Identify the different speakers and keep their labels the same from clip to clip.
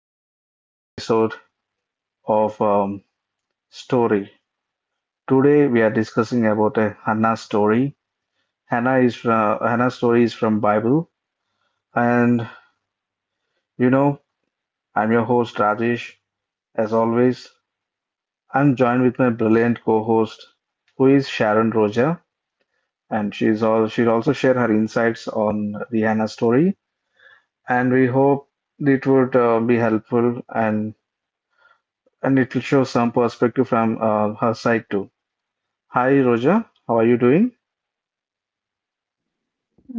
Speaker 1: another episode of Story. Today, we are discussing about a Hannah story. Hannah story is from Bible, and you know, I'm your host Rajesh. As always, I'm joined with my brilliant co-host, who is Sharon Roja, and she'll also share her insights on the Hannah story. And we hope it would be helpful and it will show some perspective from her side too. Hi, Roja. How are you doing?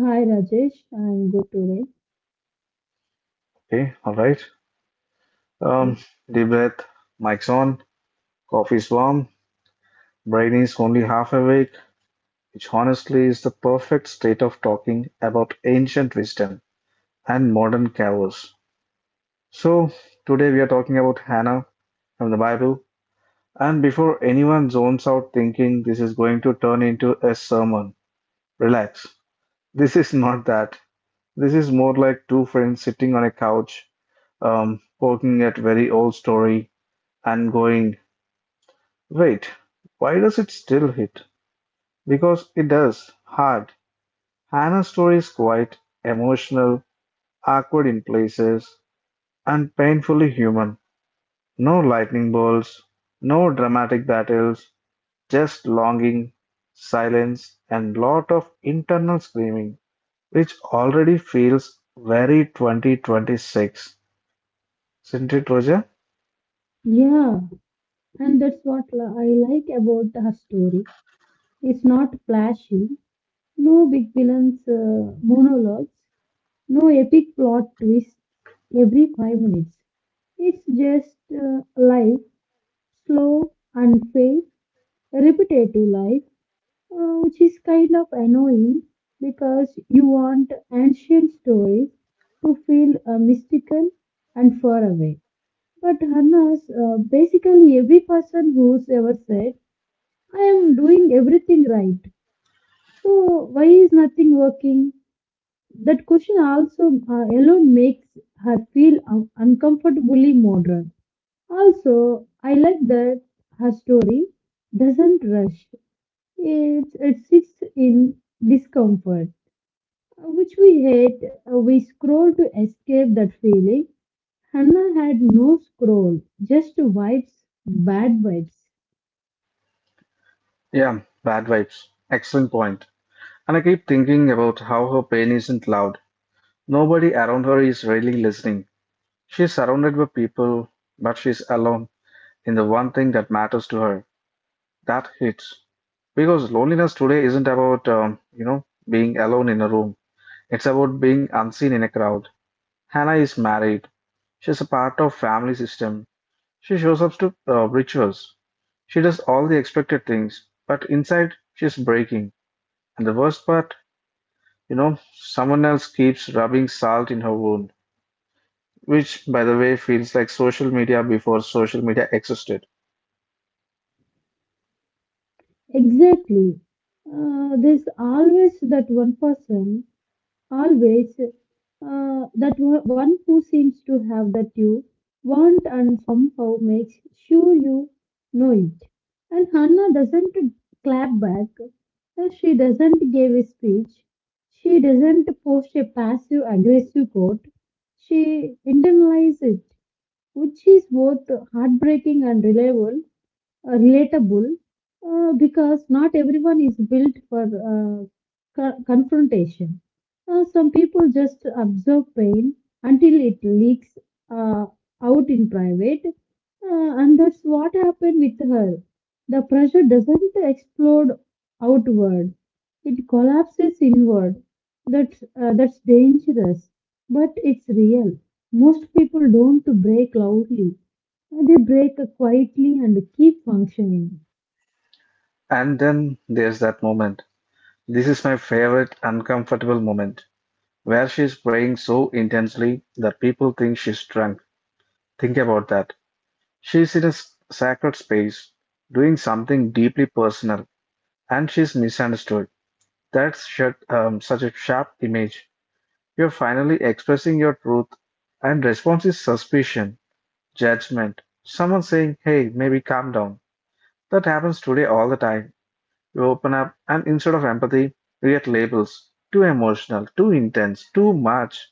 Speaker 2: Hi Rajesh, I'm good today.
Speaker 1: Okay, all right.
Speaker 2: Okay.
Speaker 1: Um, Deep breath. Mic's on. Coffee's warm. Brain is only half awake, which honestly is the perfect state of talking about ancient wisdom and modern chaos. So today we are talking about Hannah from the Bible. And before anyone zones out thinking this is going to turn into a sermon, relax. This is not that. This is more like two friends sitting on a couch, poking at very old story and going, "Wait, why does it still hit?" Because it does, hard. Hannah's story is quite emotional, awkward in places, and painfully human. No lightning bolts, no dramatic battles, just longing, silence, and lot of internal screaming, which already feels very 2026. Isn't it, Roger?
Speaker 2: Yeah, and that's what I like about her story. It's not flashy, no big villains, monologues, no epic plot twists every 5 minutes. It's just life, slow, unfair, repetitive life which is kind of annoying because you want ancient stories to feel mystical and far away. But Hannah's basically every person who's ever said, I am doing everything right. So why is nothing working? That question also alone makes her feel uncomfortably modern. Also, I like that her story doesn't rush. It sits in discomfort, which we hate. We scroll to escape that feeling. Hannah had no scroll, just vibes, bad vibes.
Speaker 1: Yeah, bad vibes. Excellent point. And I keep thinking about how her pain isn't loud. Nobody around her is really listening. She's surrounded by people, but she's alone in the one thing that matters to her. That hits. Because loneliness today isn't about, being alone in a room. It's about being unseen in a crowd. Hannah is married. She's a part of family system. She shows up to rituals. She does all the expected things, but inside she's breaking. And the worst part, you know, someone else keeps rubbing salt in her wound, which, by the way, feels like social media before social media existed.
Speaker 2: Exactly. There's always that one person. Always, that one who seems to have that you want and somehow makes sure you know it. And Hannah doesn't clap back. She doesn't give a speech. She doesn't post a passive aggressive quote. She internalizes it, which is both heartbreaking and reliable, relatable, because not everyone is built for confrontation. Some people just absorb pain until it leaks uh, out in private, and that's what happened with her. The pressure doesn't explode outward, it collapses inward. That's dangerous, but it's real. Most people don't break loudly, they break quietly and keep functioning.
Speaker 1: And then there's that moment. This is my favorite uncomfortable moment, where she's praying so intensely that people think she's drunk. Think about that. She's in a sacred space, doing something deeply personal, and she's misunderstood. Such a sharp image. You're finally expressing your truth, and response is suspicion. Judgment. Someone saying, hey, maybe calm down. That happens today all the time. You open up, and instead of empathy, we get labels. Too emotional, too intense, too much.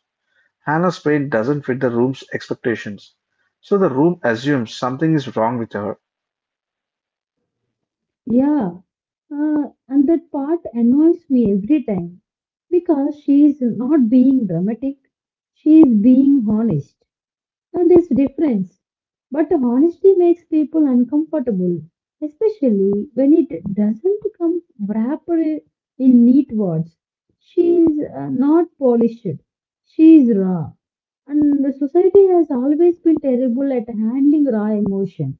Speaker 1: Hannah's pain doesn't fit the room's expectations. So the room assumes something is wrong with her.
Speaker 2: Yeah. And that part annoys me every time because she is not being dramatic, she is being honest. And there's a difference. But honesty makes people uncomfortable, especially when it doesn't come wrapped in neat words. She is not polished, she is raw. And the society has always been terrible at handling raw emotion.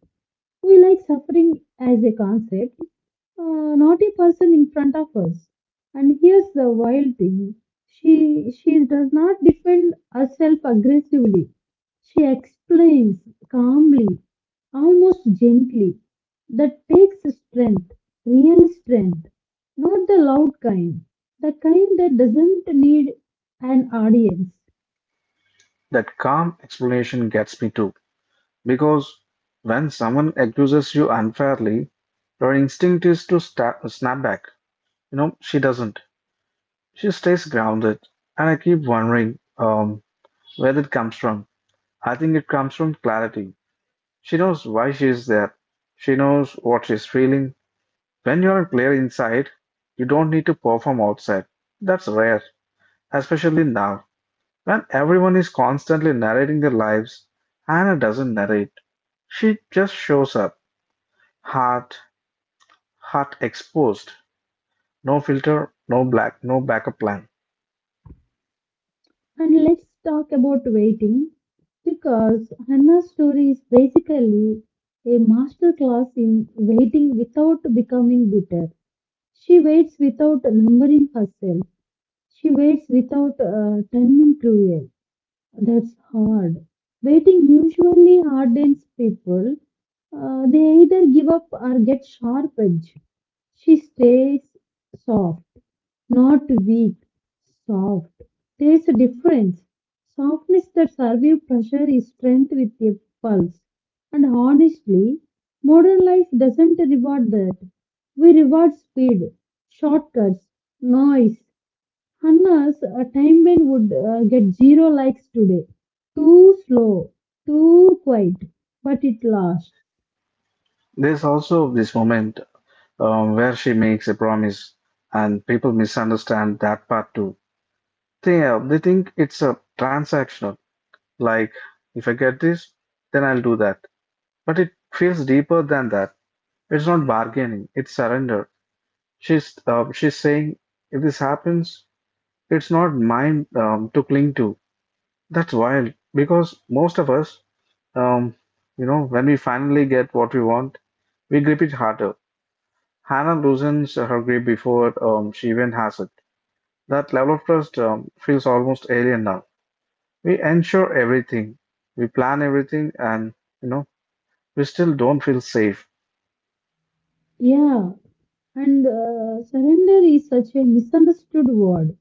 Speaker 2: We like suffering as a concept, not a person in front of us. And here's the wild thing, she does not defend herself aggressively, she explains calmly, almost gently. That takes strength, real strength, not the loud kind, the kind that doesn't need an audience.
Speaker 1: That calm explanation gets me too. Because when someone accuses you unfairly, your instinct is to snap back. You know, she doesn't. She stays grounded. And I keep wondering, where did it comes from? I think it comes from clarity. She knows why she is there. She knows what she's feeling. When you're clear inside, you don't need to perform outside. That's rare, especially now, when everyone is constantly narrating their lives. Anna doesn't narrate. She just shows up, heart, heart exposed, no filter, no black, no backup plan.
Speaker 2: And let's talk about waiting because Hannah's story is basically a masterclass in waiting without becoming bitter. She waits without numbering herself. She waits without turning cruel. That's hard. Waiting usually hardens people. They either give up or get sharp edge. She stays soft. Not weak, soft. There's a difference. Softness that survives pressure is strength with a pulse. And honestly, modern life doesn't reward that. We reward speed, shortcuts, noise, unless a time when would get zero likes today. Too slow, too quiet, but it lasts.
Speaker 1: There's also this moment where she makes a promise, and people misunderstand that part too. So, yeah, they think it's a transactional. Like, if I get this, then I'll do that. But it feels deeper than that. It's not bargaining, it's surrender. She's saying, if this happens, it's not mine to cling to. That's wild because most of us, um, when we finally get what we want, we grip it harder. Hannah loosens her grip before she even has it. That level of trust feels almost alien now. We ensure everything, we plan everything, and you know, we still don't feel safe.
Speaker 2: Yeah, and surrender is such a misunderstood word.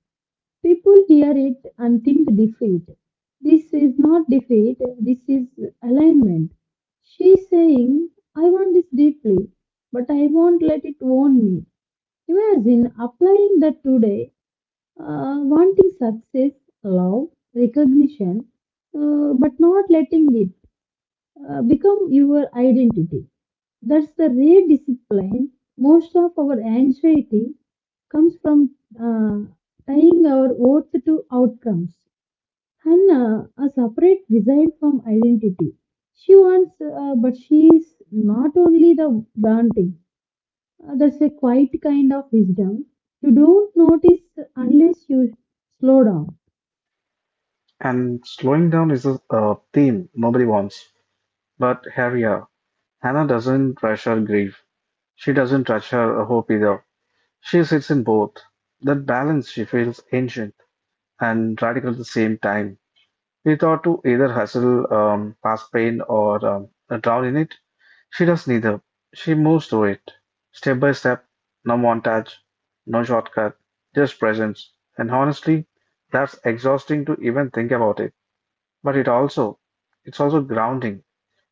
Speaker 2: People hear it and think defeat. This is not defeat, this is alignment. She's saying, I want this deeply, but I won't let it own me. Imagine applying that today, wanting success, love, recognition, but not letting it become your identity. That's the rare discipline. Most of our anxiety comes from uh, tying our worth to outcomes. Hannah, a separate design from identity. She wants, but she is not only the daunting. That's a quiet kind of wisdom. You don't notice unless you slow down.
Speaker 1: And slowing down is a theme nobody wants. But Harrier, Hannah doesn't rush her grief. She doesn't rush her hope either. She sits in both. That balance she feels ancient and radical at the same time. We thought to either hustle past pain or drown in it. She does neither. She moves through it, step by step, no montage, no shortcut, just presence. And honestly, that's exhausting to even think about it. But it also, it's also grounding,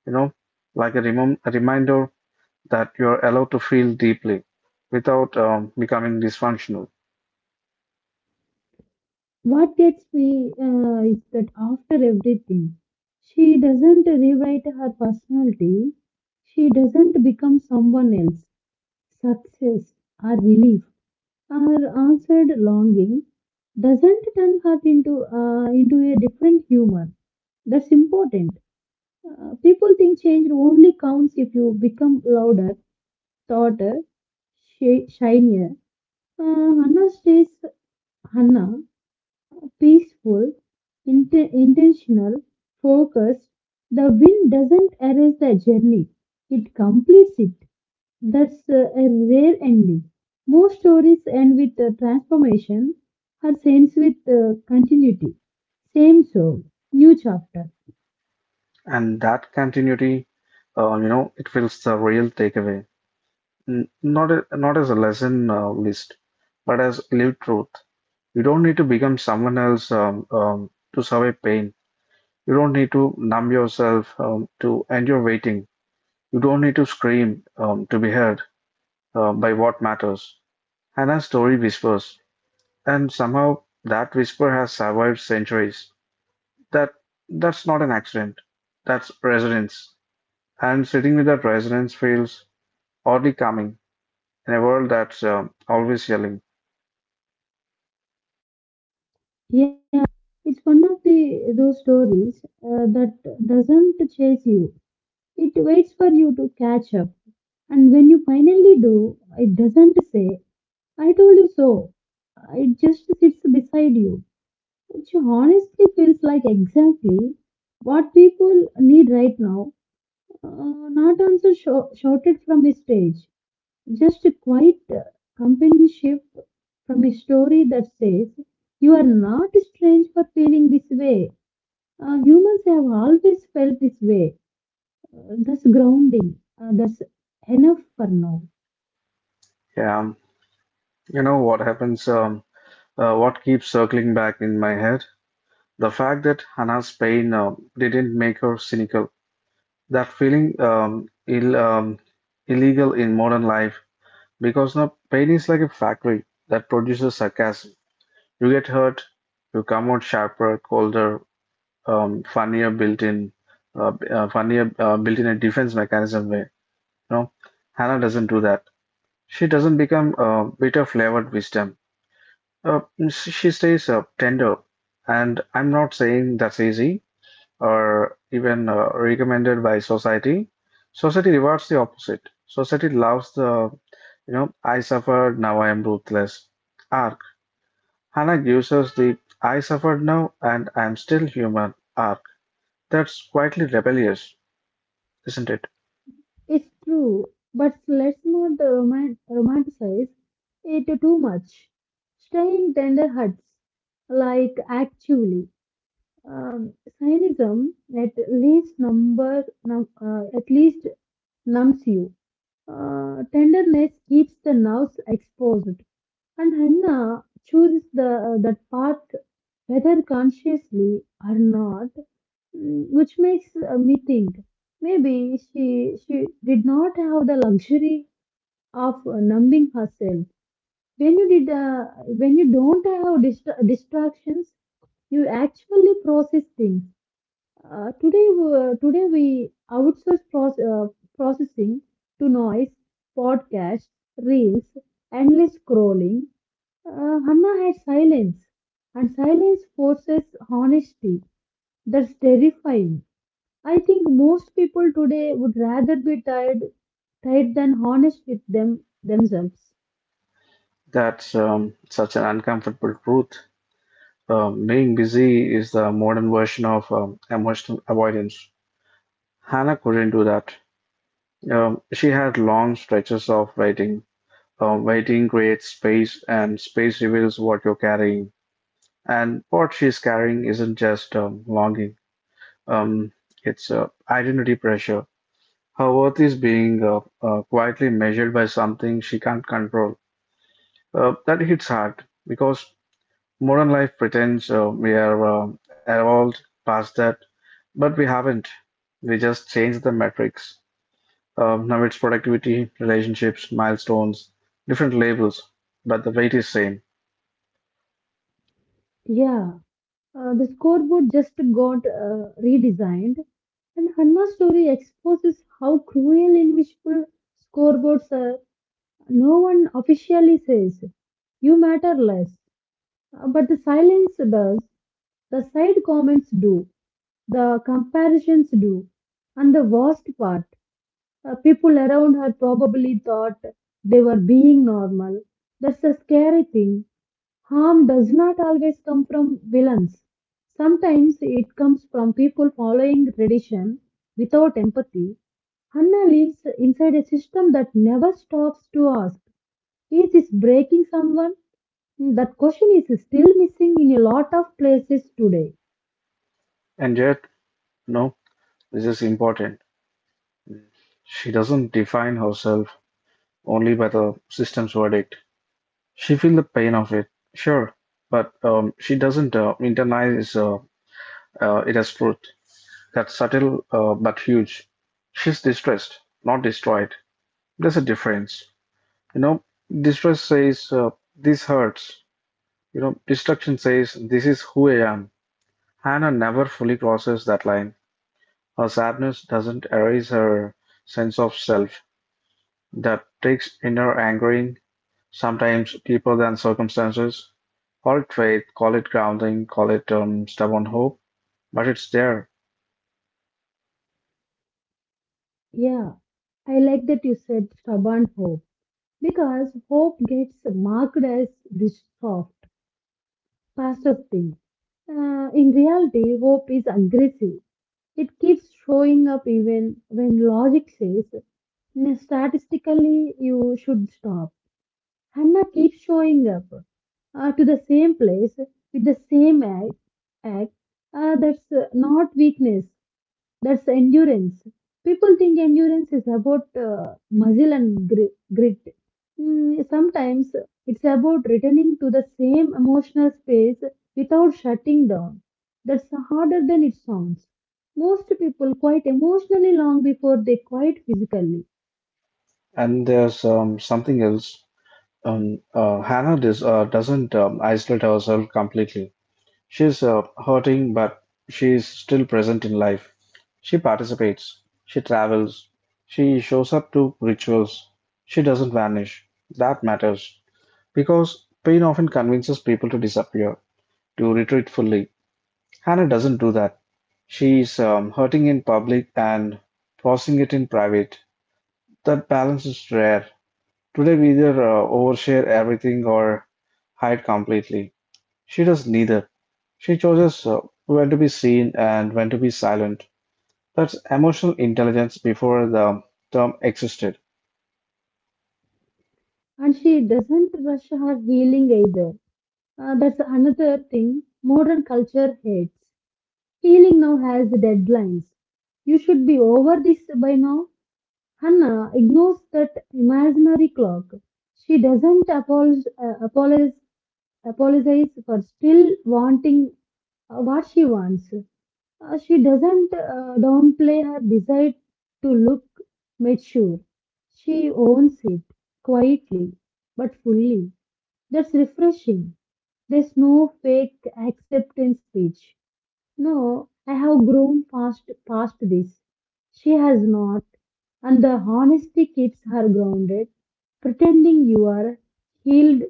Speaker 1: you know, like a reminder that you're allowed to feel deeply without becoming dysfunctional.
Speaker 2: What gets me is that after everything, she doesn't rewrite her personality. She doesn't become someone else. Success or relief, our answered longing doesn't turn hurt into a different human. That's important. People think change only counts if you become louder, taller, shinier. Uh, Hannah stays Hannah, peaceful, intentional, focused. The wind doesn't erase the journey, it completes it. That's a rare ending. Most stories end with a transformation, her ends with continuity. Same soul, new chapter.
Speaker 1: And that continuity, it feels the real takeaway. N- Not as a lesson list, but as lived truth. You don't need to become someone else to survive pain. You don't need to numb yourself to end your waiting. You don't need to scream to be heard by what matters. Hannah's story whispers, and somehow that whisper has survived centuries. That that's not an accident. That's resonance. And sitting with that resonance feels oddly calming in a world that's always yelling.
Speaker 2: Yeah, it's one of the those stories that doesn't chase you. It waits for you to catch up, and when you finally do, it doesn't say, "I told you so." It just sits beside you, which honestly feels like exactly what people need right now. Not also shouted from his stage, just a quiet companionship from a story that says, You are not strange for feeling this way. Humans have always felt this way. That's grounding. That's enough for now.
Speaker 1: Yeah, you know what happens, what keeps circling back in my head? The fact that Hannah's pain didn't make her cynical. That feeling illegal in modern life because now pain is like a factory that produces sarcasm. You get hurt, you come out sharper, colder, um, funnier built in, funnier built in a defense mechanism way. You know, Hannah doesn't do that. She doesn't become bitter flavored wisdom. Uh, she stays tender, and I'm not saying that's easy or even recommended by society. Society rewards the opposite. Society loves the, you know, I suffered, now I am ruthless. Arc. Hannah gives us the I suffered now and I'm still human arc. That's quietly rebellious, isn't it?
Speaker 2: It's true, but let's not romanticize it too much. Staying tender hearts, like actually. Um, cynism at least numbs you. Tenderness keeps the nerves exposed, and Hannah chooses the that path whether consciously or not, which makes me think maybe she did not have the luxury of numbing herself. When you did uh, when you don't have distractions, you actually process things. Today, we outsource processing to noise, podcasts, reels, endless scrolling. Hannah had silence, and silence forces honesty. That's terrifying. I think most people today would rather be tired than honest with themselves.
Speaker 1: That's such an uncomfortable truth. Being busy is the modern version of emotional avoidance. Hannah couldn't do that. She had long stretches of waiting. Waiting creates space, and space reveals what you're carrying. And what she's carrying isn't just longing, um, it's identity pressure. Her worth is being quietly measured by something she can't control. That hits hard because modern life pretends we are evolved past that, but we haven't. We just changed the metrics. Now it's productivity, relationships, milestones, different labels, but the weight is same.
Speaker 2: Yeah, the scoreboard just got redesigned, and Hannah's story exposes how cruel and wishful scoreboards are. No one officially says, "You matter less," but the silence does, the side comments do, the comparisons do, and the worst part, people around her probably thought they were being normal. That's the scary thing. Harm does not always come from villains. Sometimes it comes from people following tradition without empathy. Hannah lives inside a system that never stops to ask, is this breaking someone? That question is still missing in a lot of places today.
Speaker 1: And yet, no, this is important. She doesn't define herself only by the system's verdict. She feels the pain of it, sure, but she doesn't internalize it as truth. That's subtle but huge. She's distressed, not destroyed. There's a difference. You know, distress says this hurts. You know, destruction says this is who I am. Hannah never fully crosses that line; her sadness doesn't erase her sense of self, that takes inner anchoring, sometimes deeper than circumstances. Call it faith, call it grounding, call it stubborn hope, but it's there.
Speaker 2: Yeah, I like that you said stubborn hope because hope gets marked as this soft, fastest things. In reality, hope is aggressive. It keeps showing up even when logic says, Statistically, you should stop." Hannah keeps showing up to the same place with the same act, that's not weakness, that's endurance. People think endurance is about muscle and grit. Sometimes it's about returning to the same emotional space without shutting down. That's harder than it sounds. Most people quite emotionally long before they quite physically.
Speaker 1: And there's something else. Doesn't isolate herself completely. She's hurting, but she's still present in life. She participates, she travels, she shows up to rituals, she doesn't vanish. That matters because pain often convinces people to disappear, to retreat fully. Hannah doesn't do that. She's hurting in public and processing it in private. That balance is rare. Today, we either overshare everything or hide completely. She does neither. She chooses when to be seen and when to be silent. That's emotional intelligence before the term existed.
Speaker 2: And she doesn't rush her healing either. That's another thing modern culture hates. Healing now has deadlines. You should be over this by now. Hannah ignores that imaginary clock. She doesn't apologize, apologize for still wanting what she wants. She doesn't downplay her desire to look mature. She owns it quietly but fully. That's refreshing. There's no fake acceptance speech. No, I have grown past this. She has not. And the honesty keeps her grounded. Pretending you are healed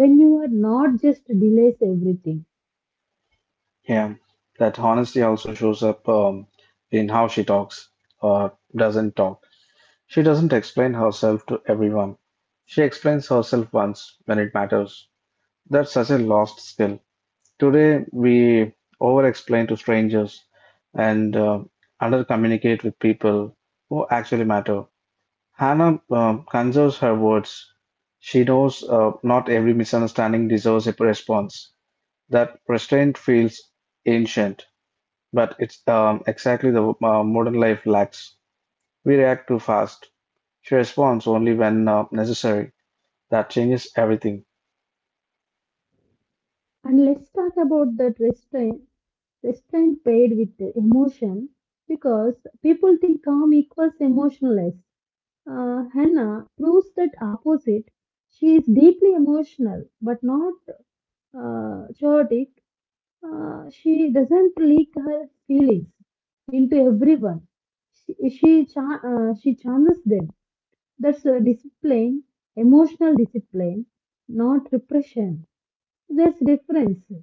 Speaker 2: when you are not just delays everything.
Speaker 1: Yeah, that honesty also shows up in how she talks or doesn't talk. She doesn't explain herself to everyone. She explains herself once when it matters. That's such a lost skill. Today, we over explain to strangers and under communicate with people who actually matter. Hannah conserves her words. She knows not every misunderstanding deserves a response. That restraint feels ancient, but it's exactly the modern life lacks. We react too fast. She responds only when necessary. That changes everything.
Speaker 2: And let's talk about that restraint paired with the emotion because people think calm equals emotionless. Hannah proves that opposite. She is deeply emotional but not chaotic. She doesn't leak her feelings into everyone. She she channels them. That's a discipline, emotional discipline, not repression. There's difference.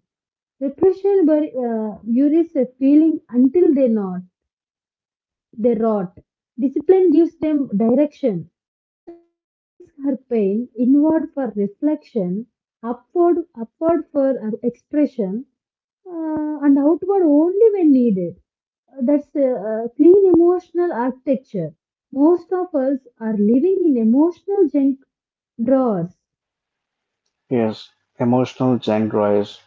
Speaker 2: Repression buries a feeling until they not they rot. Discipline gives them direction. Hannah directs her pain inward for reflection, upward for expression, and outward only when needed. That's a clean emotional architecture. Most of us are living in emotional junk drawers.
Speaker 1: Yes, emotional junk drives.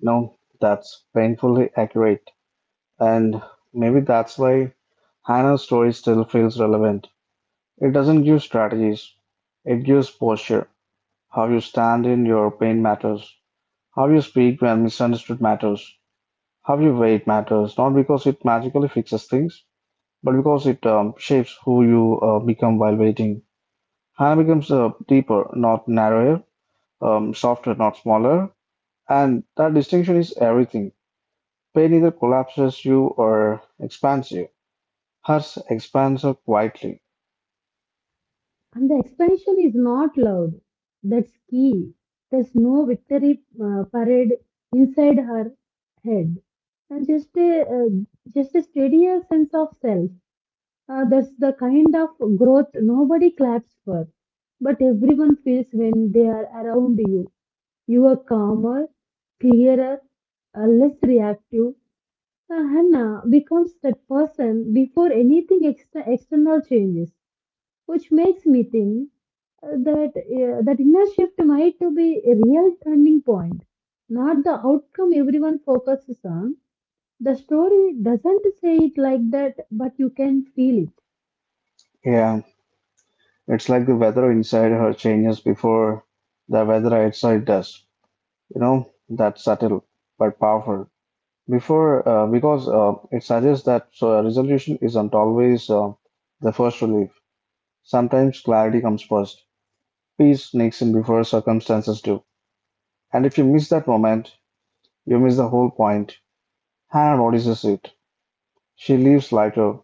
Speaker 1: No, that's painfully accurate. And maybe that's why Hannah's story still feels relevant. It doesn't give strategies, it gives posture. How you stand in your pain matters. How you speak when misunderstood matters. How you wait matters, not because it magically fixes things, but because it shapes who you become while waiting. Hannah becomes deeper, not narrower, softer, not smaller, and that distinction is everything. Pain either collapses you or expands you. Hers expands her quietly.
Speaker 2: And the expansion is not loud. That's key. There's no victory parade inside her head, and just a steadier sense of self. That's the kind of growth nobody claps for, but everyone feels when they are around you. You are calmer, clearer, less reactive. Hannah becomes that person before anything external changes, which makes me think that inner shift might to be a real turning point, not the outcome everyone focuses on. The story doesn't say it like that, but you can feel it,
Speaker 1: Yeah, it's like the weather inside her changes before the weather outside does. You know, that's subtle but powerful. Before, because It suggests that so a resolution isn't always the first relief. Sometimes clarity comes first. Peace sneaks in before circumstances do. And if you miss that moment, you miss the whole point. Hannah notices it. She leaves lighter,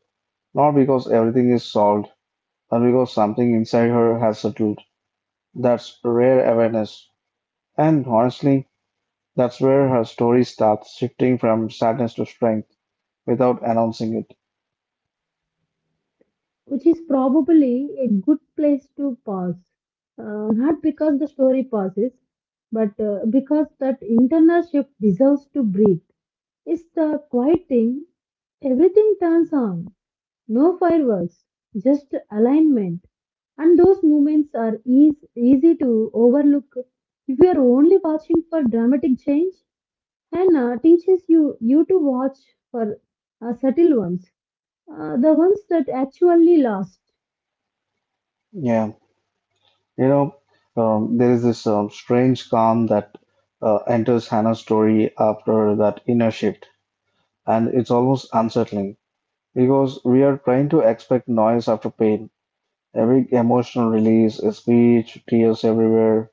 Speaker 1: not because everything is solved, but because something inside her has settled. That's rare awareness. And honestly, that's where her story starts shifting from sadness to strength without announcing it.
Speaker 2: which is probably a good place to pause. Not because the story pauses, but because that internal shift deserves to breathe. It's the quiet thing everything turns on. No fireworks, just alignment. And those movements are easy, easy to overlook if you are only watching for dramatic change. Hannah teaches you to watch for subtle ones, the ones that actually last.
Speaker 1: Yeah, you know, there is this strange calm that enters Hannah's story after that inner shift, and it's almost unsettling because we are trying to expect noise after pain. Every emotional release, a speech, tears everywhere.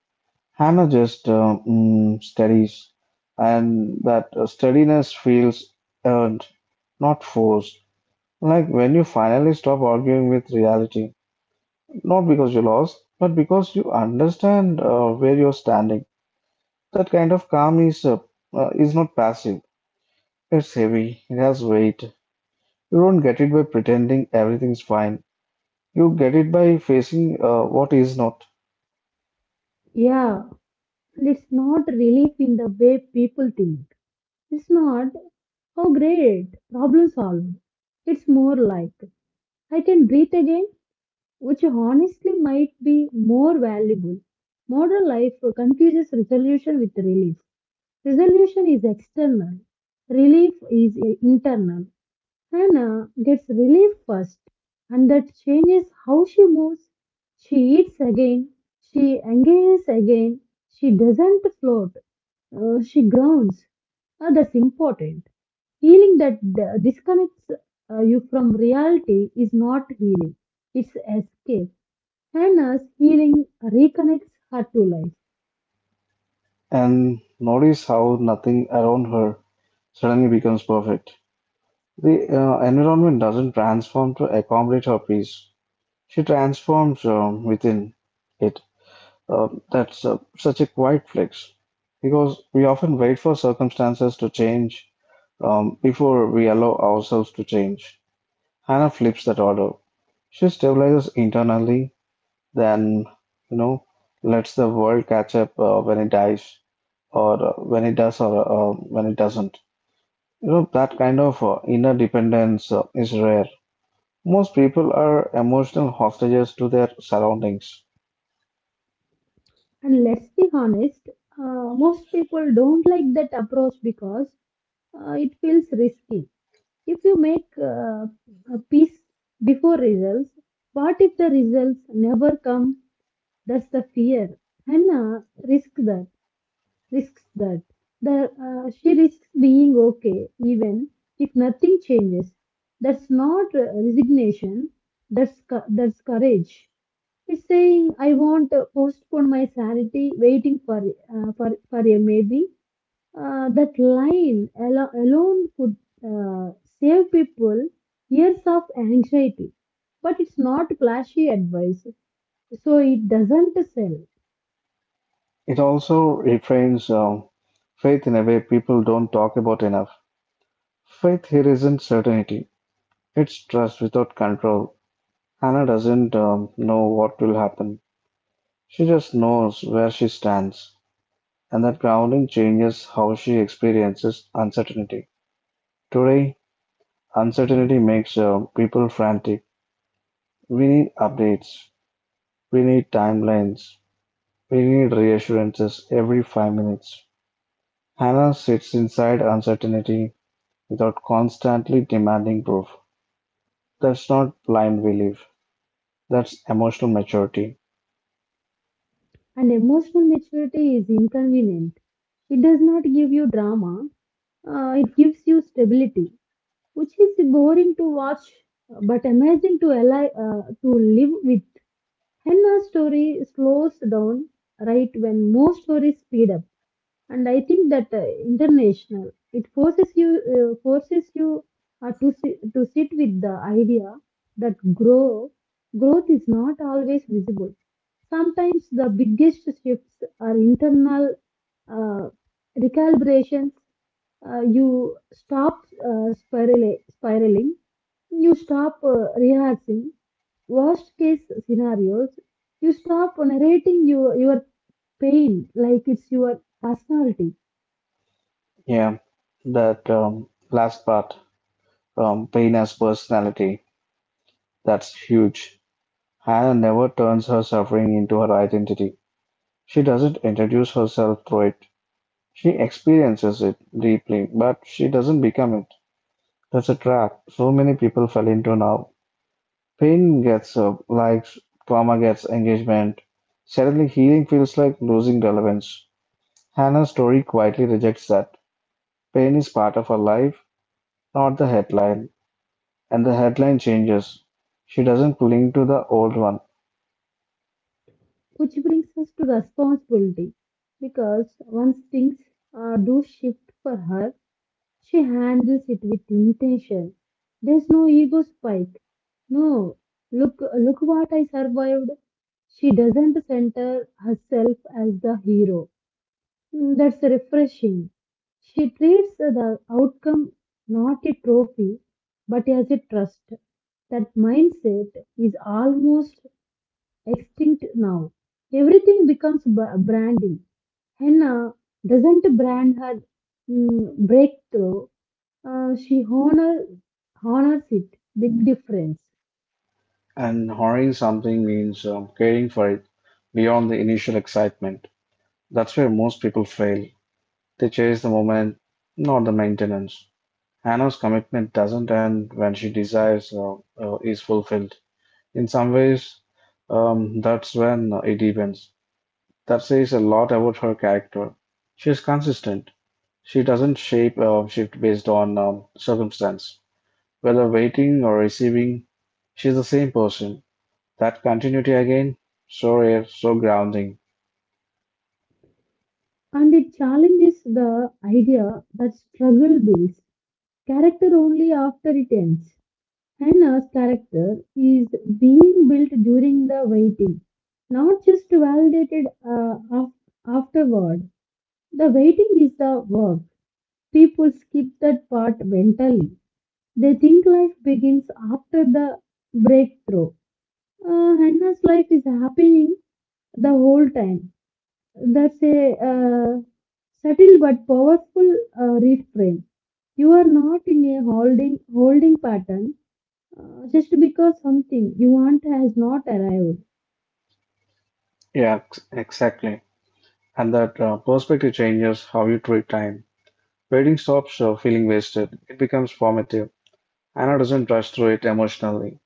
Speaker 1: Hannah just steadies, and that steadiness feels earned, not forced. Like when you finally stop arguing with reality. Not because you lost, but because you understand where you're standing. That kind of calm is not passive. It's heavy. It has weight. You don't get it by pretending everything's fine. You get it by facing what is not,
Speaker 2: Yeah, it's not relief in the way people think. It's not how great problem solved. It's more like I can breathe again, which honestly might be more valuable. Modern life confuses resolution with relief. Resolution is external, relief is internal. Hannah gets relief first, and that changes how she moves. She eats again, she engages again, she doesn't float, she grounds. That's important. Healing that disconnects you from reality is not healing, it's escape. Hannah's healing reconnects her to life.
Speaker 1: and notice how nothing around her suddenly becomes perfect. The environment doesn't transform to accommodate her peace. She transforms within it. That's such a quiet flex because we often wait for circumstances to change before we allow ourselves to change. Hannah flips that order. She stabilizes internally, then, you know, lets the world catch up when it dies, or when it does, or when it doesn't. You know, that kind of inner dependence is rare. Most people are emotional hostages to their surroundings.
Speaker 2: And let's be honest, most people don't like that approach because it feels risky. If you make a peace before results, what if the results never come? That's the fear. Hannah risks that, risks that. She risks being okay even if nothing changes. That's not resignation. That's courage. It's saying I won't postpone my sanity, waiting for for a maybe. That line alone could uh, save people years of anxiety, but it's not flashy advice, so it doesn't sell.
Speaker 1: It also refrains faith in a way people don't talk about enough. Faith here isn't certainty, it's trust without control. Hannah doesn't know what will happen. She just knows where she stands, and that grounding changes how she experiences uncertainty. Today, uncertainty makes people frantic. We need updates, we need timelines, we need reassurances every 5 minutes. Hannah sits inside uncertainty without constantly demanding proof. That's not blind belief. That's emotional maturity.
Speaker 2: And emotional maturity is inconvenient. It does not give you drama. It gives you stability, which is boring to watch, but amazing to to live with. Henna's story slows down right when most stories speed up, and I think that international it forces you to sit with the idea that growth is not always visible. Sometimes the biggest shifts are internal uh, recalibrations. You stop spiraling, you stop rehearsing worst case scenarios, you stop narrating your pain like it's your personality,
Speaker 1: Yeah, that last part, pain as personality, that's huge. Hannah never turns her suffering into her identity. She doesn't introduce herself through it. She experiences it deeply, but she doesn't become it. That's a trap so many people fell into now. Pain gets likes, trauma gets engagement. Suddenly, healing feels like losing relevance. Hannah's story quietly rejects that: pain is part of her life, not the headline, and the headline changes. She doesn't cling to the old one,
Speaker 2: which brings us to responsibility because once things do shift for her, she handles it with intention. There's no ego spike. No, look, look what I survived. She doesn't center herself as the hero. Mm, that's refreshing. She treats the outcome not a trophy, but as a trust. That mindset is almost extinct now. Everything becomes branding. Henna doesn't brand her mm, breakthrough. She honors it, big difference.
Speaker 1: and honoring something means caring for it beyond the initial excitement. That's where most people fail. They chase the moment, not the maintenance. Hannah's commitment doesn't end when she desires is fulfilled. In some ways, that's when it deepens. That says a lot about her character. She is consistent. She doesn't shape a shift based on circumstance. Whether waiting or receiving, she's the same person. That continuity again, so rare, so grounding.
Speaker 2: And it challenges the idea that struggle builds character only after it ends. Hannah's character is being built during the waiting, not just validated afterward. The waiting is the work. People skip that part mentally. They think life begins after the breakthrough. Hannah's life is happening the whole time. That's a subtle but powerful reframe. You are not in a holding pattern just because something you want has not arrived.
Speaker 1: Yeah, exactly. And that perspective changes how you treat time. Waiting stops feeling wasted. It becomes formative. Anna doesn't rush through it emotionally.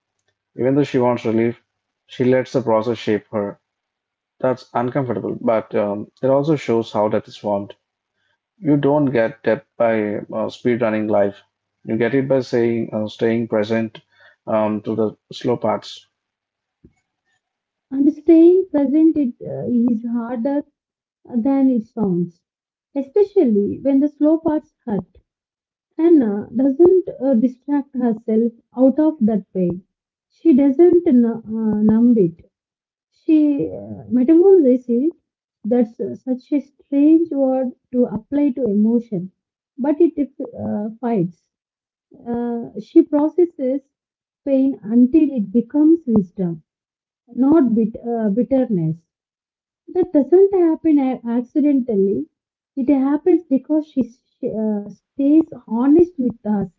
Speaker 1: Even though she wants relief, she lets the process shape her. That's uncomfortable, but it also shows how death is formed. You don't get that by speed running life. You get it by saying, staying present to the slow parts.
Speaker 2: And staying present is harder than it sounds, especially when the slow parts hurt. Hannah doesn't distract herself out of that pain. She doesn't numb it. She metamorphosis, that's such a strange word to apply to emotion, but it fights. She processes pain until it becomes wisdom, not bitterness. That doesn't happen accidentally. It happens because she stays honest with herself,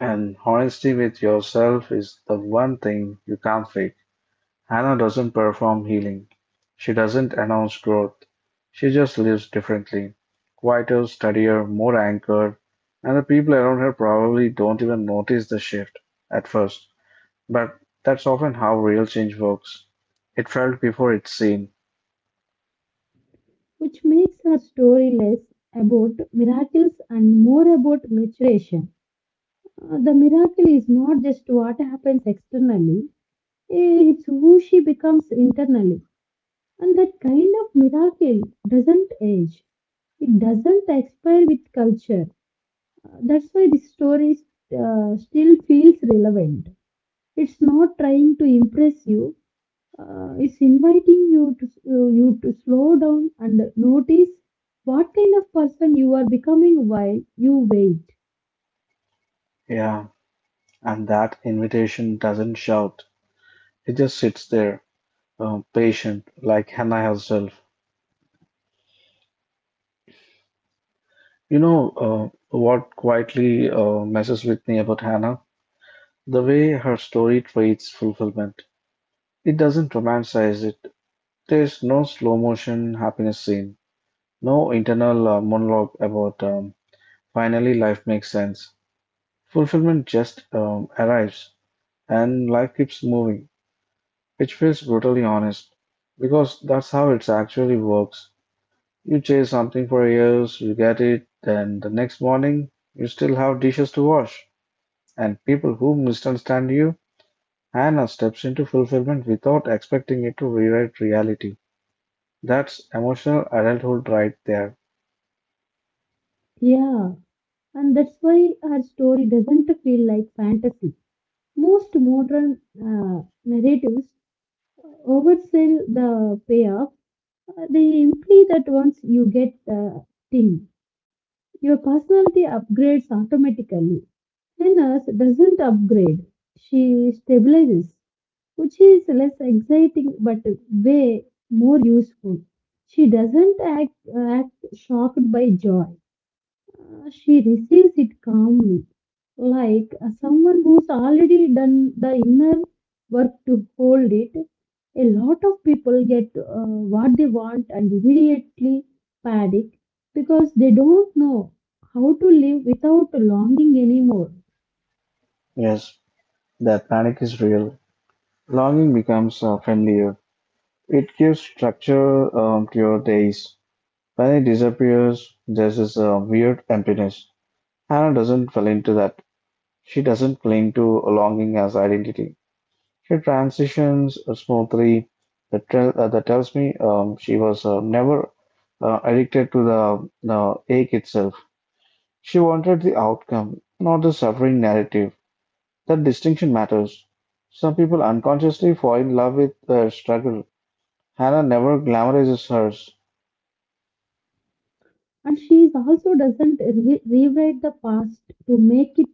Speaker 1: And honesty with yourself is the one thing you can't fake. Hannah doesn't perform healing. She doesn't announce growth. She just lives differently, quieter, steadier, more anchored, and the people around her probably don't even notice the shift at first. But that's often how real change works. It felt before it's seen.
Speaker 2: which makes her story less about miracles and more about maturation. The miracle is not just what happens externally, eh, it's who she becomes internally. And that kind of miracle doesn't age, it doesn't expire with culture. That's why this story still feels relevant. It's not trying to impress you, it's inviting you to slow down and notice what kind of person you are becoming while you wait.
Speaker 1: Yeah. And that invitation doesn't shout. It just sits there, patient, like Hannah herself. You know, what quietly messes with me about Hannah? The way her story treats fulfillment. It doesn't romanticize it. There's no slow motion happiness scene, no internal monologue about finally life makes sense. Fulfillment just arrives and life keeps moving, which feels brutally honest because that's how it actually works. You chase something for years, you get it, then the next morning you still have dishes to wash, and people who misunderstand you. Hannah steps into fulfillment without expecting it to rewrite reality. That's emotional adulthood right there.
Speaker 2: Yeah, and that's why her story doesn't feel like fantasy. Most modern narratives oversell the payoff. They imply that once you get the thing, your personality upgrades automatically. Hannah doesn't upgrade; she stabilizes, which is less exciting but way more useful. She doesn't act shocked by joy; she receives it calmly, like someone who's already done the inner work to hold it. A lot of people get what they want and immediately panic because they don't know how to live without longing anymore.
Speaker 1: Yes, that panic is real. Longing becomes familiar. It gives structure to your days. When it disappears, there's this weird emptiness. Hannah doesn't fall into that. She doesn't cling to longing as identity. She transitions smoothly, that tells me she was never addicted to the ache itself. She wanted the outcome, not the suffering narrative. That distinction matters. Some people unconsciously fall in love with their struggle. Hannah never glamorizes hers.
Speaker 2: And she is also doesn't rewrite the past to make it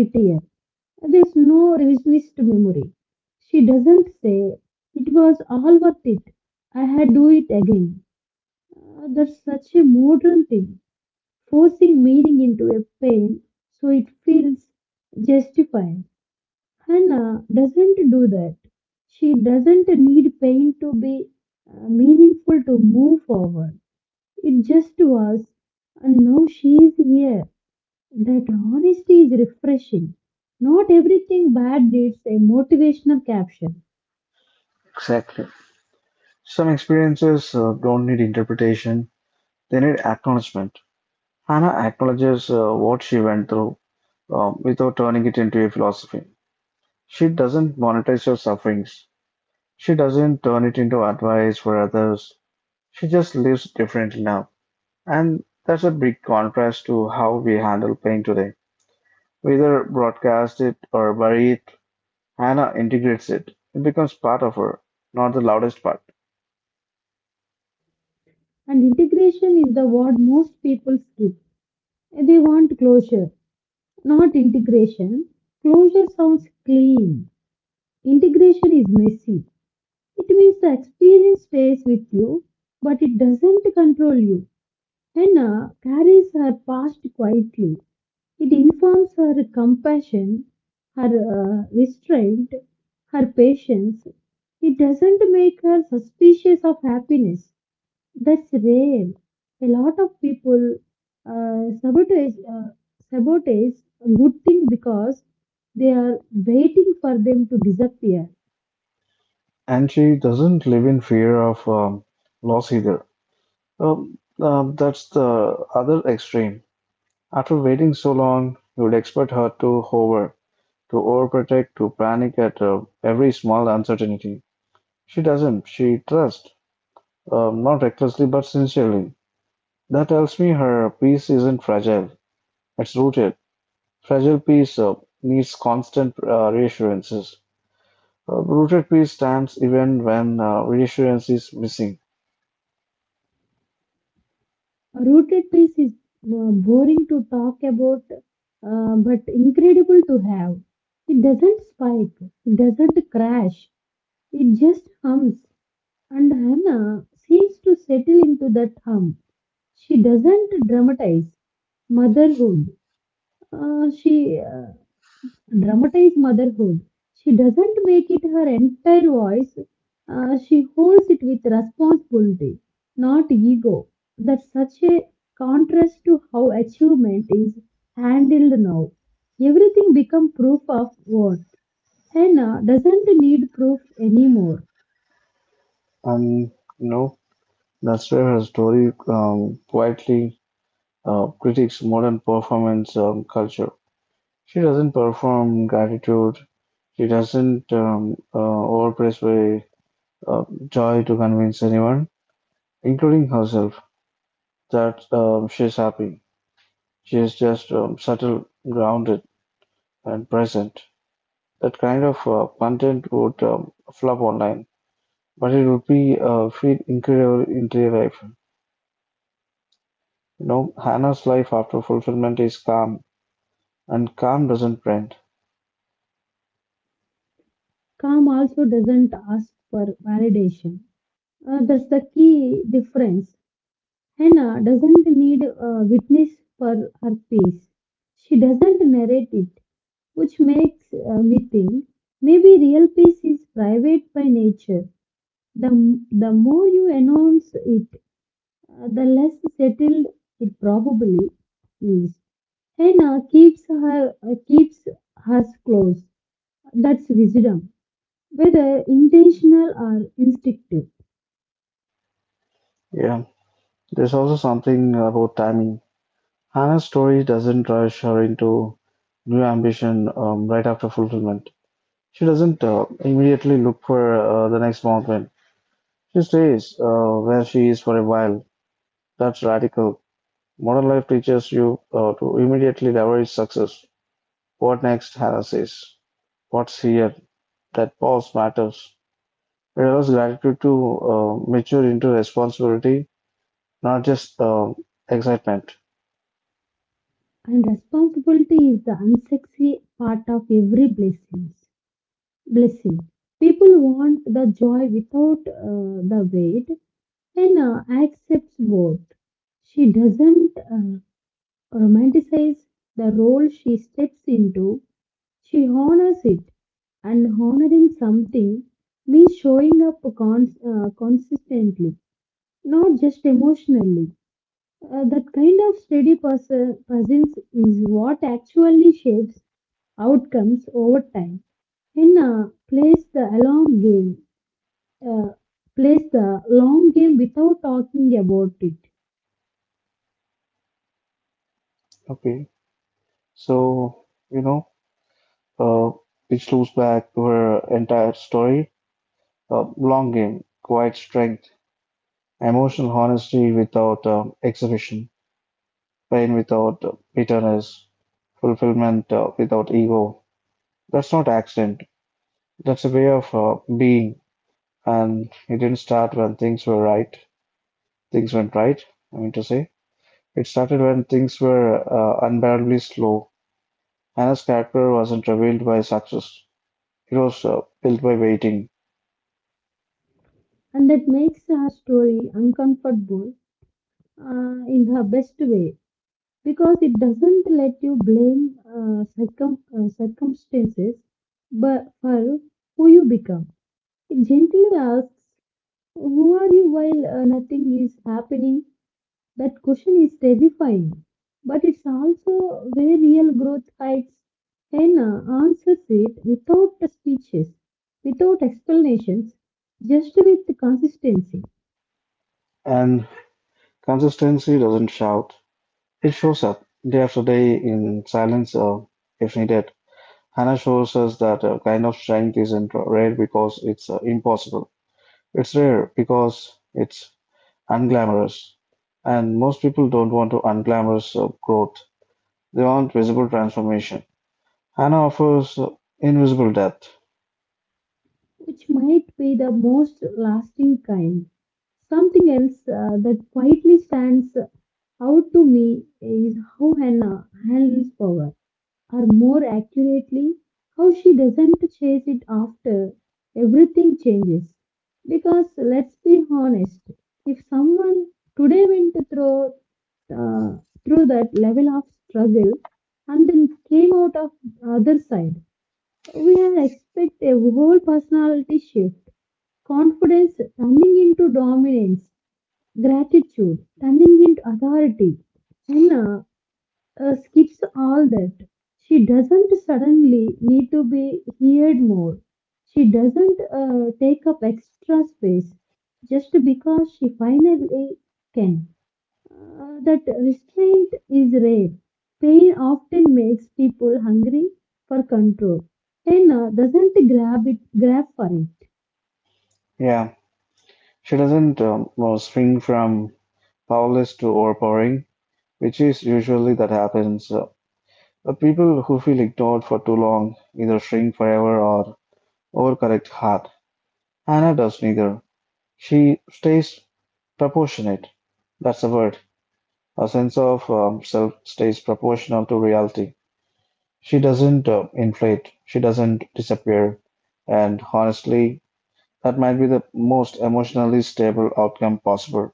Speaker 2: prettier. There's no revisionist memory. She doesn't say, it was all worth it. I had do it again. That's such a modern thing, forcing meaning into a pain so it feels justified. Hannah doesn't do that. She doesn't need pain to be meaningful to move forward. It just was, and now she is here. That honesty is refreshing. Not everything bad needs a motivational caption,
Speaker 1: Exactly. Some experiences don't need interpretation, they need acknowledgement. Hannah acknowledges what she went through without turning it into a philosophy. She doesn't monetize your sufferings. She doesn't turn it into advice for others. She just lives differently now. And that's a big contrast to how we handle pain today. We either broadcast it or bury it. Hannah integrates it. It becomes part of her, not the loudest part.
Speaker 2: and integration is the word most people skip. They want closure, not integration. Closure sounds clean. Integration is messy. It means the experience stays with you, but it doesn't control you. Henna carries her past quietly. It informs her compassion, her restraint, her patience. It doesn't make her suspicious of happiness. That's rare. A lot of people uh, sabotage, uh, sabotage a good thing because they are waiting for them to disappear.
Speaker 1: And she doesn't live in fear of loss either. That's the other extreme. After waiting so long, you would expect her to hover. To overprotect, to panic at every small uncertainty. She doesn't. She trusts, not recklessly but sincerely. That tells me her peace isn't fragile. It's rooted. Fragile peace needs constant reassurances. Rooted peace stands even when reassurance is missing.
Speaker 2: Rooted peace is boring to talk about, but incredible to have. It doesn't spike, it doesn't crash, it just hums. And Hannah seems to settle into that hum. She doesn't dramatize motherhood. She dramatize motherhood. She doesn't make it her entire voice. She holds it with responsibility, not ego. That's such a contrast to how achievement is handled now. Everything becomes proof of worth. Hannah doesn't need proof anymore.
Speaker 1: And you know, that's where her story quietly critiques modern performance culture. She doesn't perform gratitude, she doesn't overpress by joy to convince anyone, including herself, that she's happy. She is just subtle, grounded, and present. That kind of content would flop online, but it would be feel incredible in real life. You know, Hannah's life after fulfillment is calm, and calm doesn't trend.
Speaker 2: Calm also doesn't ask for validation. That's the key difference. Hannah doesn't need a witness for her peace. She doesn't narrate it, which makes me think maybe real peace is private by nature. The, the more you announce it, the less settled it probably is. Henna keeps us close. That's wisdom, whether intentional or instinctive.
Speaker 1: Yeah, there's also something about timing. Hannah's story doesn't rush her into new ambition right after fulfillment. She doesn't immediately look for the next mountain. She stays where she is for a while. That's radical. Modern life teaches you to immediately leverage success. What next, Hannah says. What's here? That pause matters. It allows gratitude to mature into responsibility, not just excitement.
Speaker 2: And responsibility is the unsexy part of every blessing. Blessing. People want the joy without the weight. Henna accepts both. She doesn't romanticize the role she steps into. She honors it, and honoring something means showing up consistently, not just emotionally. That kind of steady person presence is what actually shapes outcomes over time. Henna plays the long game, uh, plays the long game without talking about it,
Speaker 1: Okay, so you know, Uh, which loops back to her entire story, longing, quiet strength, emotional honesty without exhibition, pain without bitterness, fulfillment without ego. That's not accident. That's a way of being, and it didn't start when things were right. Things went right. I mean to say, it started when things were unbearably slow. Anna's character wasn't revealed by success. It was built by waiting,
Speaker 2: and that makes her story uncomfortable in her best way, because it doesn't let you blame circumstances but for who you become. It gently asks, who are you while nothing is happening? That question is terrifying, but it's also where real growth hides. Hannah answers it without speeches, without explanations, just with consistency,
Speaker 1: and consistency doesn't shout, it shows up day after day in silence if needed. Hannah shows us that a kind of strength isn't rare because it's impossible. It's rare because it's unglamorous. And most people don't want to unglamorous growth. They want visible transformation. Hannah offers invisible depth.
Speaker 2: which might be the most lasting kind. Something else that quietly stands out to me is how Hannah handles power, or more accurately, how she doesn't chase it after everything changes. Because let's be honest, if someone today went through uh, through that level of struggle and then came out of the other side, we have expect a whole personality shift, confidence turning into dominance, gratitude turning into authority. Anna skips all that. She doesn't suddenly need to be heard more. She doesn't take up extra space just because she finally can. That restraint is rare. Pain often makes people hungry for control. Anna doesn't grab for it.
Speaker 1: Yeah, she doesn't swing from powerless to overpowering, which is usually that happens. The people who feel ignored for too long either shrink forever or overcorrect hard. Hannah does neither. She stays proportionate. That's the word. Her sense of self stays proportional to reality. She doesn't inflate, she doesn't disappear. And honestly, that might be the most emotionally stable outcome possible.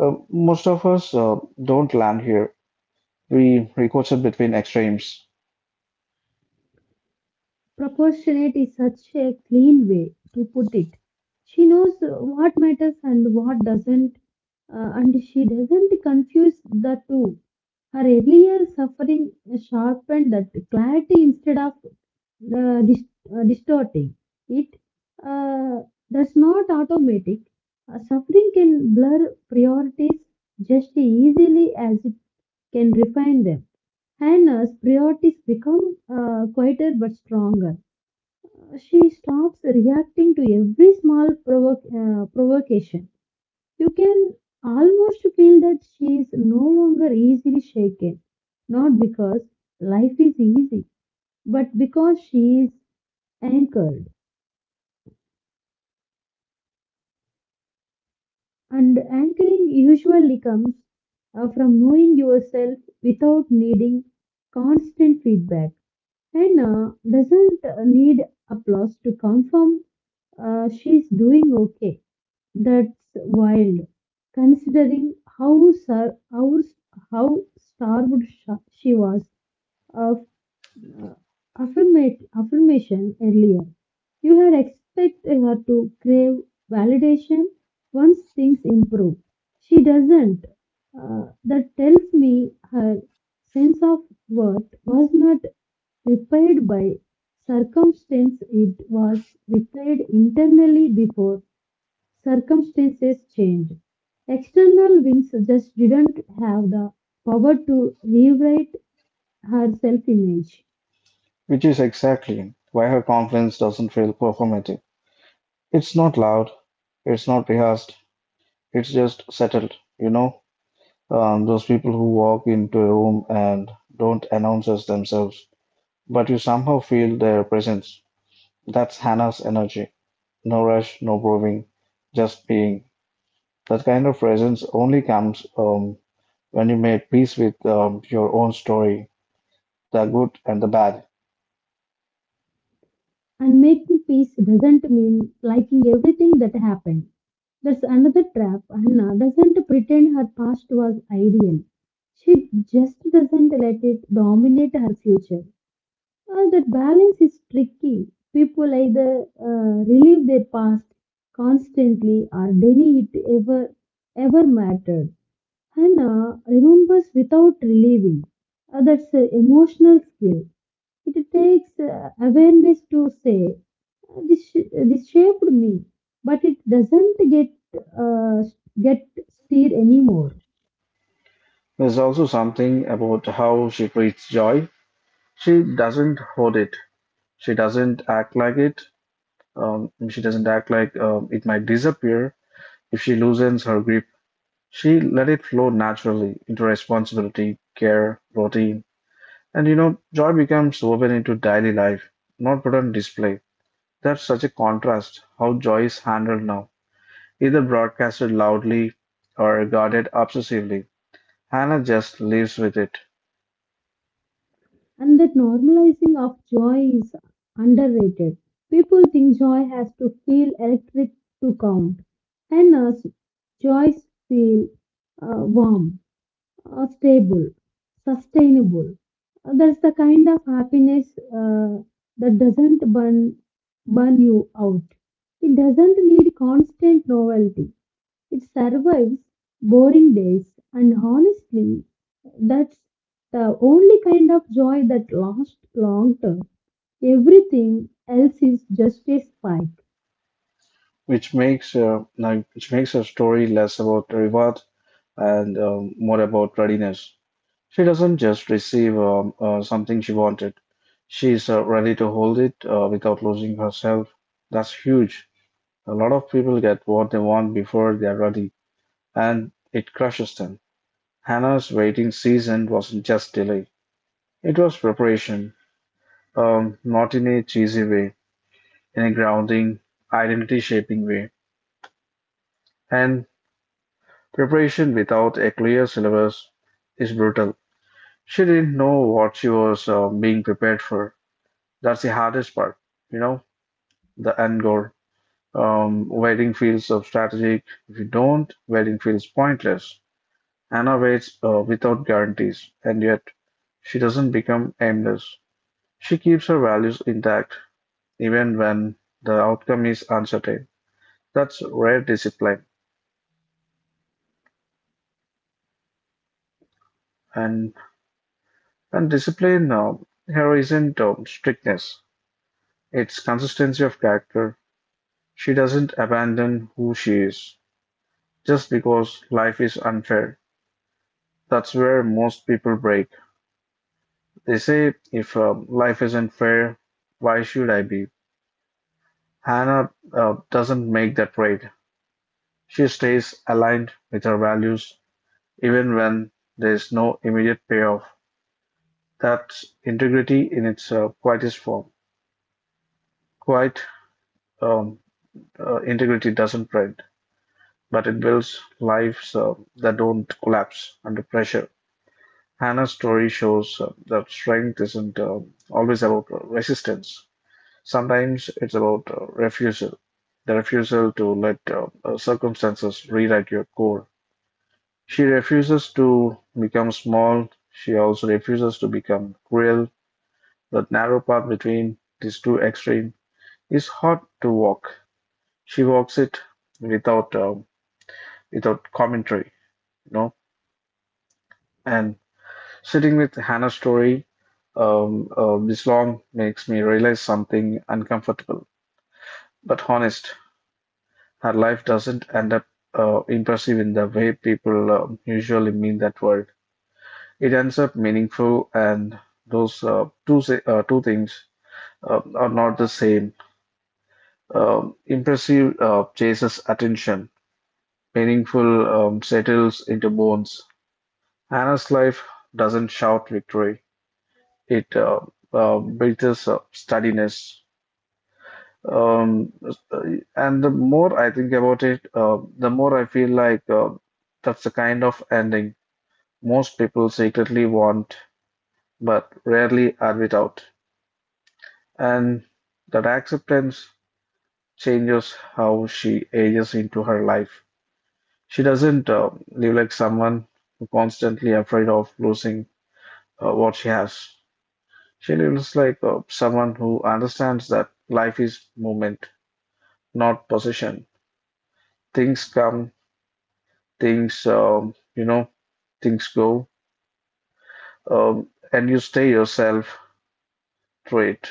Speaker 1: Most of us don't land here. We recurse between extremes.
Speaker 2: Proportionate is such a clean way to put it. She knows what matters and what doesn't, and she doesn't confuse the two. Her earlier suffering sharpened that clarity instead of uh, dis- distorting it. Uh, that's not automatic. Suffering can blur priorities just easily as it can refine them. Hannah's priorities become quieter but stronger. She stops reacting to every small provocation. You can almost feel that she is no longer easily shaken, not because life is easy, but because she is anchored. And anchoring usually comes from knowing yourself without needing constant feedback. Hannah doesn't need applause to confirm she's doing okay. That's wild, considering how starved she was uh, uh, affirmation earlier. You had expected her to crave validation once things improve. She doesn't. That tells me her sense of worth was not repaired by circumstance, it was repaired internally before circumstances changed. External winds just didn't have the power to rewrite her self image.
Speaker 1: Which is exactly why her confidence doesn't feel performative. It's not loud, it's not rehearsed, it's just settled, you know? Those people who walk into a room and don't announce as themselves, but you somehow feel their presence. That's Hannah's energy. No rush, no proving, just being. That kind of presence only comes when you made peace with your own story, the good and the bad.
Speaker 2: And making peace doesn't mean liking everything that happened. That's another trap. Anna doesn't pretend her past was ideal. She just doesn't let it dominate her future. That balance is tricky. People either relive their past constantly or deny it ever, ever mattered. Hannah remembers without reliving. That's an emotional skill. It takes awareness to say, this this shaped me, but it doesn't uh, get steered anymore.
Speaker 1: There's also something about how she treats joy. She doesn't hoard it. She doesn't act like it. She doesn't act like it might disappear if she loosens her grip. She let it flow naturally into responsibility, care, routine. And you know, joy becomes woven into daily life, not put on display. That's such a contrast how joy is handled now, either broadcasted loudly or guarded obsessively. Hannah just lives with it,
Speaker 2: And that normalizing of joy is underrated. People think joy has to feel electric to count, and us joys feel warm, stable, sustainable. That's the kind of happiness that doesn't burn you out. It doesn't need constant novelty. It survives boring days, and honestly, that's the only kind of joy that lasts long term. Everything else is just a spike,
Speaker 1: which makes her story less about reward and more about readiness. She doesn't just receive something she wanted, she's ready to hold it without losing herself. That's huge. A lot of people get what they want before they're ready, and it crushes them. Hannah's waiting season wasn't just delay, it was preparation, not in a cheesy way, in a grounding, identity shaping way. And preparation without a clear syllabus is brutal. She didn't know what she was being prepared for. That's the hardest part, you know, the end goal. Waiting feels so strategic. If you don't, waiting feels pointless. Anna waits without guarantees, and yet she doesn't become aimless. She keeps her values intact even when the outcome is uncertain. That's rare discipline, and and discipline here isn't strictness; it's consistency of character. She doesn't abandon who she is, just because life is unfair. That's where most people break. They say, if life isn't fair, why should I be? Hannah doesn't make that trade. She stays aligned with her values, even when there's no immediate payoff. That's integrity in its quietest form. Quiet um, Integrity doesn't print, but it builds lives that don't collapse under pressure. Hannah's story shows that strength isn't always about resistance. Sometimes it's about refusal, the refusal to let circumstances rewrite your core. She refuses to become small. She also refuses to become cruel. That narrow path between these two extremes is hard to walk. She walks it without uh, without commentary, you know, and Sitting with Hannah's story this long makes me realize something uncomfortable but honest. Her life doesn't end up impressive in the way people usually mean that word. It ends up meaningful, and those two things are not the same. Impressive chases attention. Meaningful settles into bones. Hannah's life doesn't shout victory. It breathes steadiness. Um, uh, and the more I think about it, the more I feel like that's the kind of ending most people secretly want, but rarely are without. And that acceptance changes how she ages into her life. She doesn't live like someone who constantly afraid of losing what she has. She lives like someone who understands that life is movement, not possession. Things come, things um, you know things go, and you stay yourself through it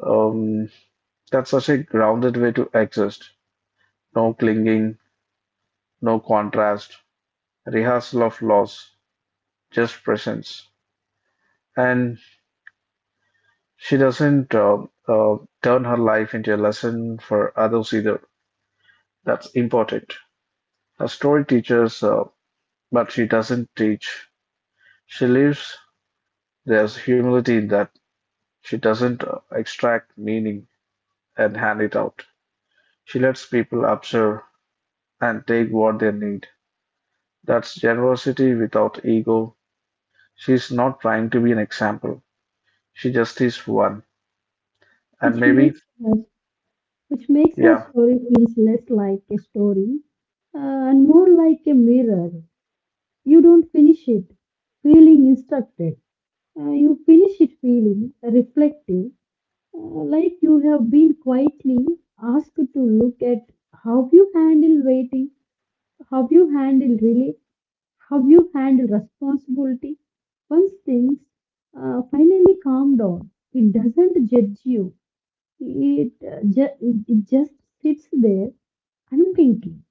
Speaker 1: um, that's such a grounded way to exist: no clinging, no contrast, rehearsal of loss, just presence. And she doesn't uh, uh, turn her life into a lesson for others either. That's important. A story teaches, but she doesn't teach, she lives. There's humility in that. She doesn't extract meaning and hand it out. She lets people observe and take what they need. That's generosity without ego. She's not trying to be an example. She just is one. And
Speaker 2: which
Speaker 1: maybe,
Speaker 2: makes us, our
Speaker 1: yeah,
Speaker 2: story feels less like a story and more like a mirror. You don't finish it feeling instructed. You finish it feeling reflective, like you have been quietly asked to look at how you handle waiting, how you handle relief, how you handle responsibility. Once things finally calm down, it doesn't judge you. It, ju- it just sits there unthinking.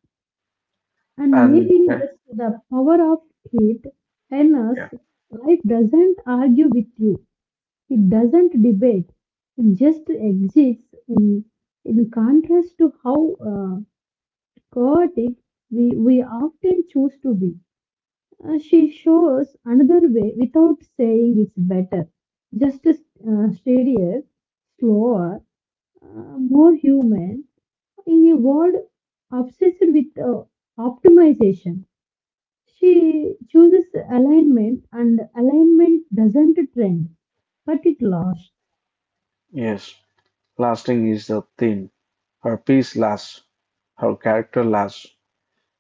Speaker 2: And
Speaker 1: and
Speaker 2: maybe
Speaker 1: yeah,
Speaker 2: that's the power of it in us.
Speaker 1: yeah,
Speaker 2: Life doesn't argue with you, it doesn't debate, it just exists in contrast to how chaotic we often choose to be. She shows another way without saying it's better, just steadier, slower, more human in a world obsessed with optimization. She chooses alignment, and alignment doesn't trend, but it lasts.
Speaker 1: yes, lasting is the theme. Her peace lasts, her character lasts,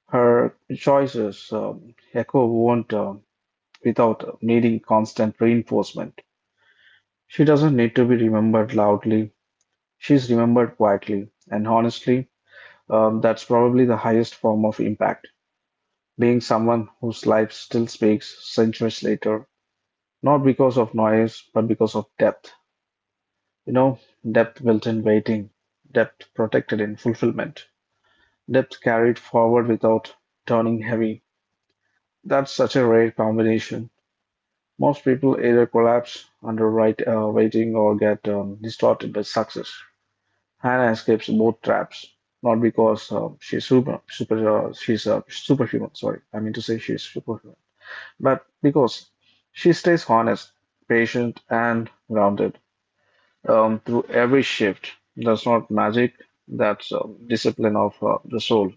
Speaker 1: her choices echo won't without needing constant reinforcement. She doesn't need to be remembered loudly. She's remembered quietly, and honestly. That's probably the highest form of impact, being someone whose life still speaks centuries later, not because of noise, but because of depth. You know, depth built in waiting, depth protected in fulfillment, depth carried forward without turning heavy. That's such a rare combination. Most people either collapse under right waiting or get distorted by success. Hannah escapes both traps, not because she's superhuman. Sorry, I mean to say she's superhuman, but because she stays honest, patient, and grounded through every shift. That's not magic. That's discipline of the soul.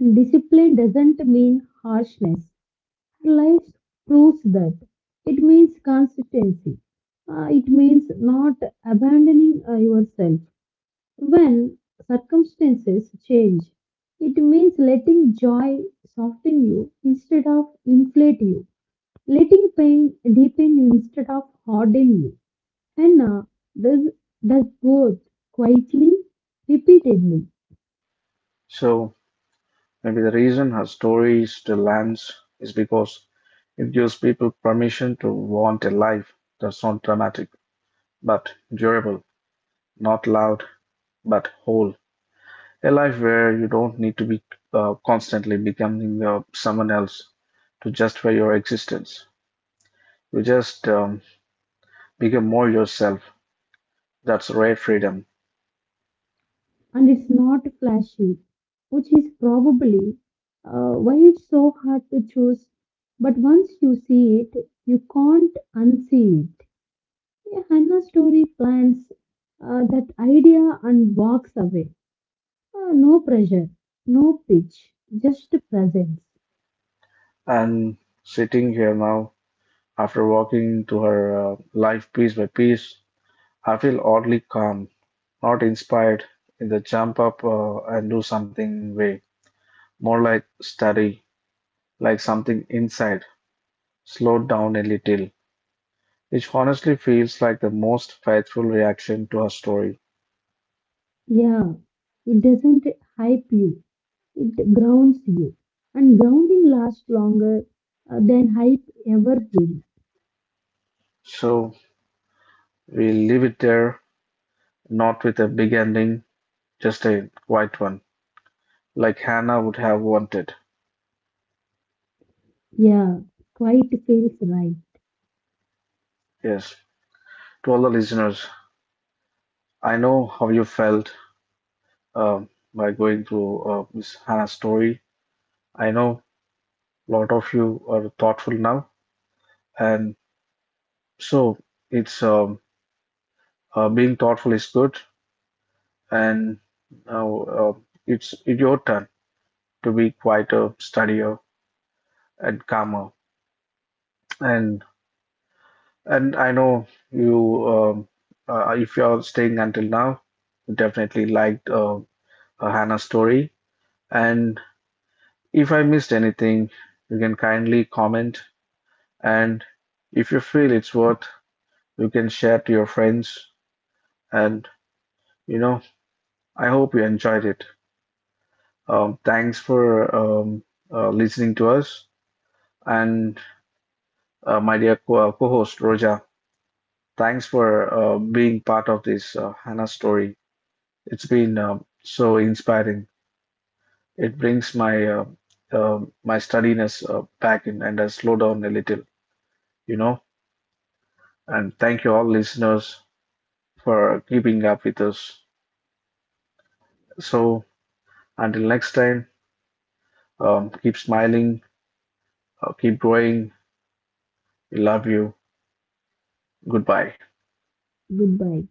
Speaker 2: And discipline doesn't mean harshness. Her life proves that. It means consistency. It means not abandoning yourself when circumstances change. It means letting joy soften you instead of inflate you, letting pain deepen you instead of harden you. Henna does, does both quietly, repeatedly,
Speaker 1: So maybe the reason her story still lands is because it gives people permission to want a life that's not dramatic, but durable, not loud, but whole. A life where you don't need to be constantly becoming someone else to justify your existence. You just become more yourself. That's rare freedom.
Speaker 2: and it's not flashy, which is probably why it's so hard to choose. But once you see it, you can't unsee it. A Hannah story plants that idea and walks away. No pressure, no pitch, just presence.
Speaker 1: And sitting here now, after walking through her life piece by piece, I feel oddly calm, not inspired in the jump up and do something way, more like study, like something inside slowed down a little, which honestly feels like the most faithful reaction to her story.
Speaker 2: Yeah, it doesn't hype you, it grounds you. And grounding lasts longer than hype ever will.
Speaker 1: So we leave it there, not with a big ending, just a quiet one, like Hannah would have wanted.
Speaker 2: Yeah, quite feels right.
Speaker 1: Yes. To all the listeners, I know how you felt um, by going through Miss Hannah's story. I know a lot of you are thoughtful now, and so it's being thoughtful is good, and now it's your turn to be quieter, steadier, and calmer. And And I know if you're staying until now, you definitely liked Hannah's story. And if I missed anything, you can kindly comment. And if you feel it's worth, you can share to your friends. And you know, I hope you enjoyed it. Thanks for listening to us. And my dear co-host Roja, thanks for being part of this Hannah story. It's been so inspiring. It brings my my sturdiness back in and I slow down a little, you know. And thank you all listeners for keeping up with us. So until next time, keep smiling, keep growing. We love you. Goodbye.
Speaker 2: Goodbye.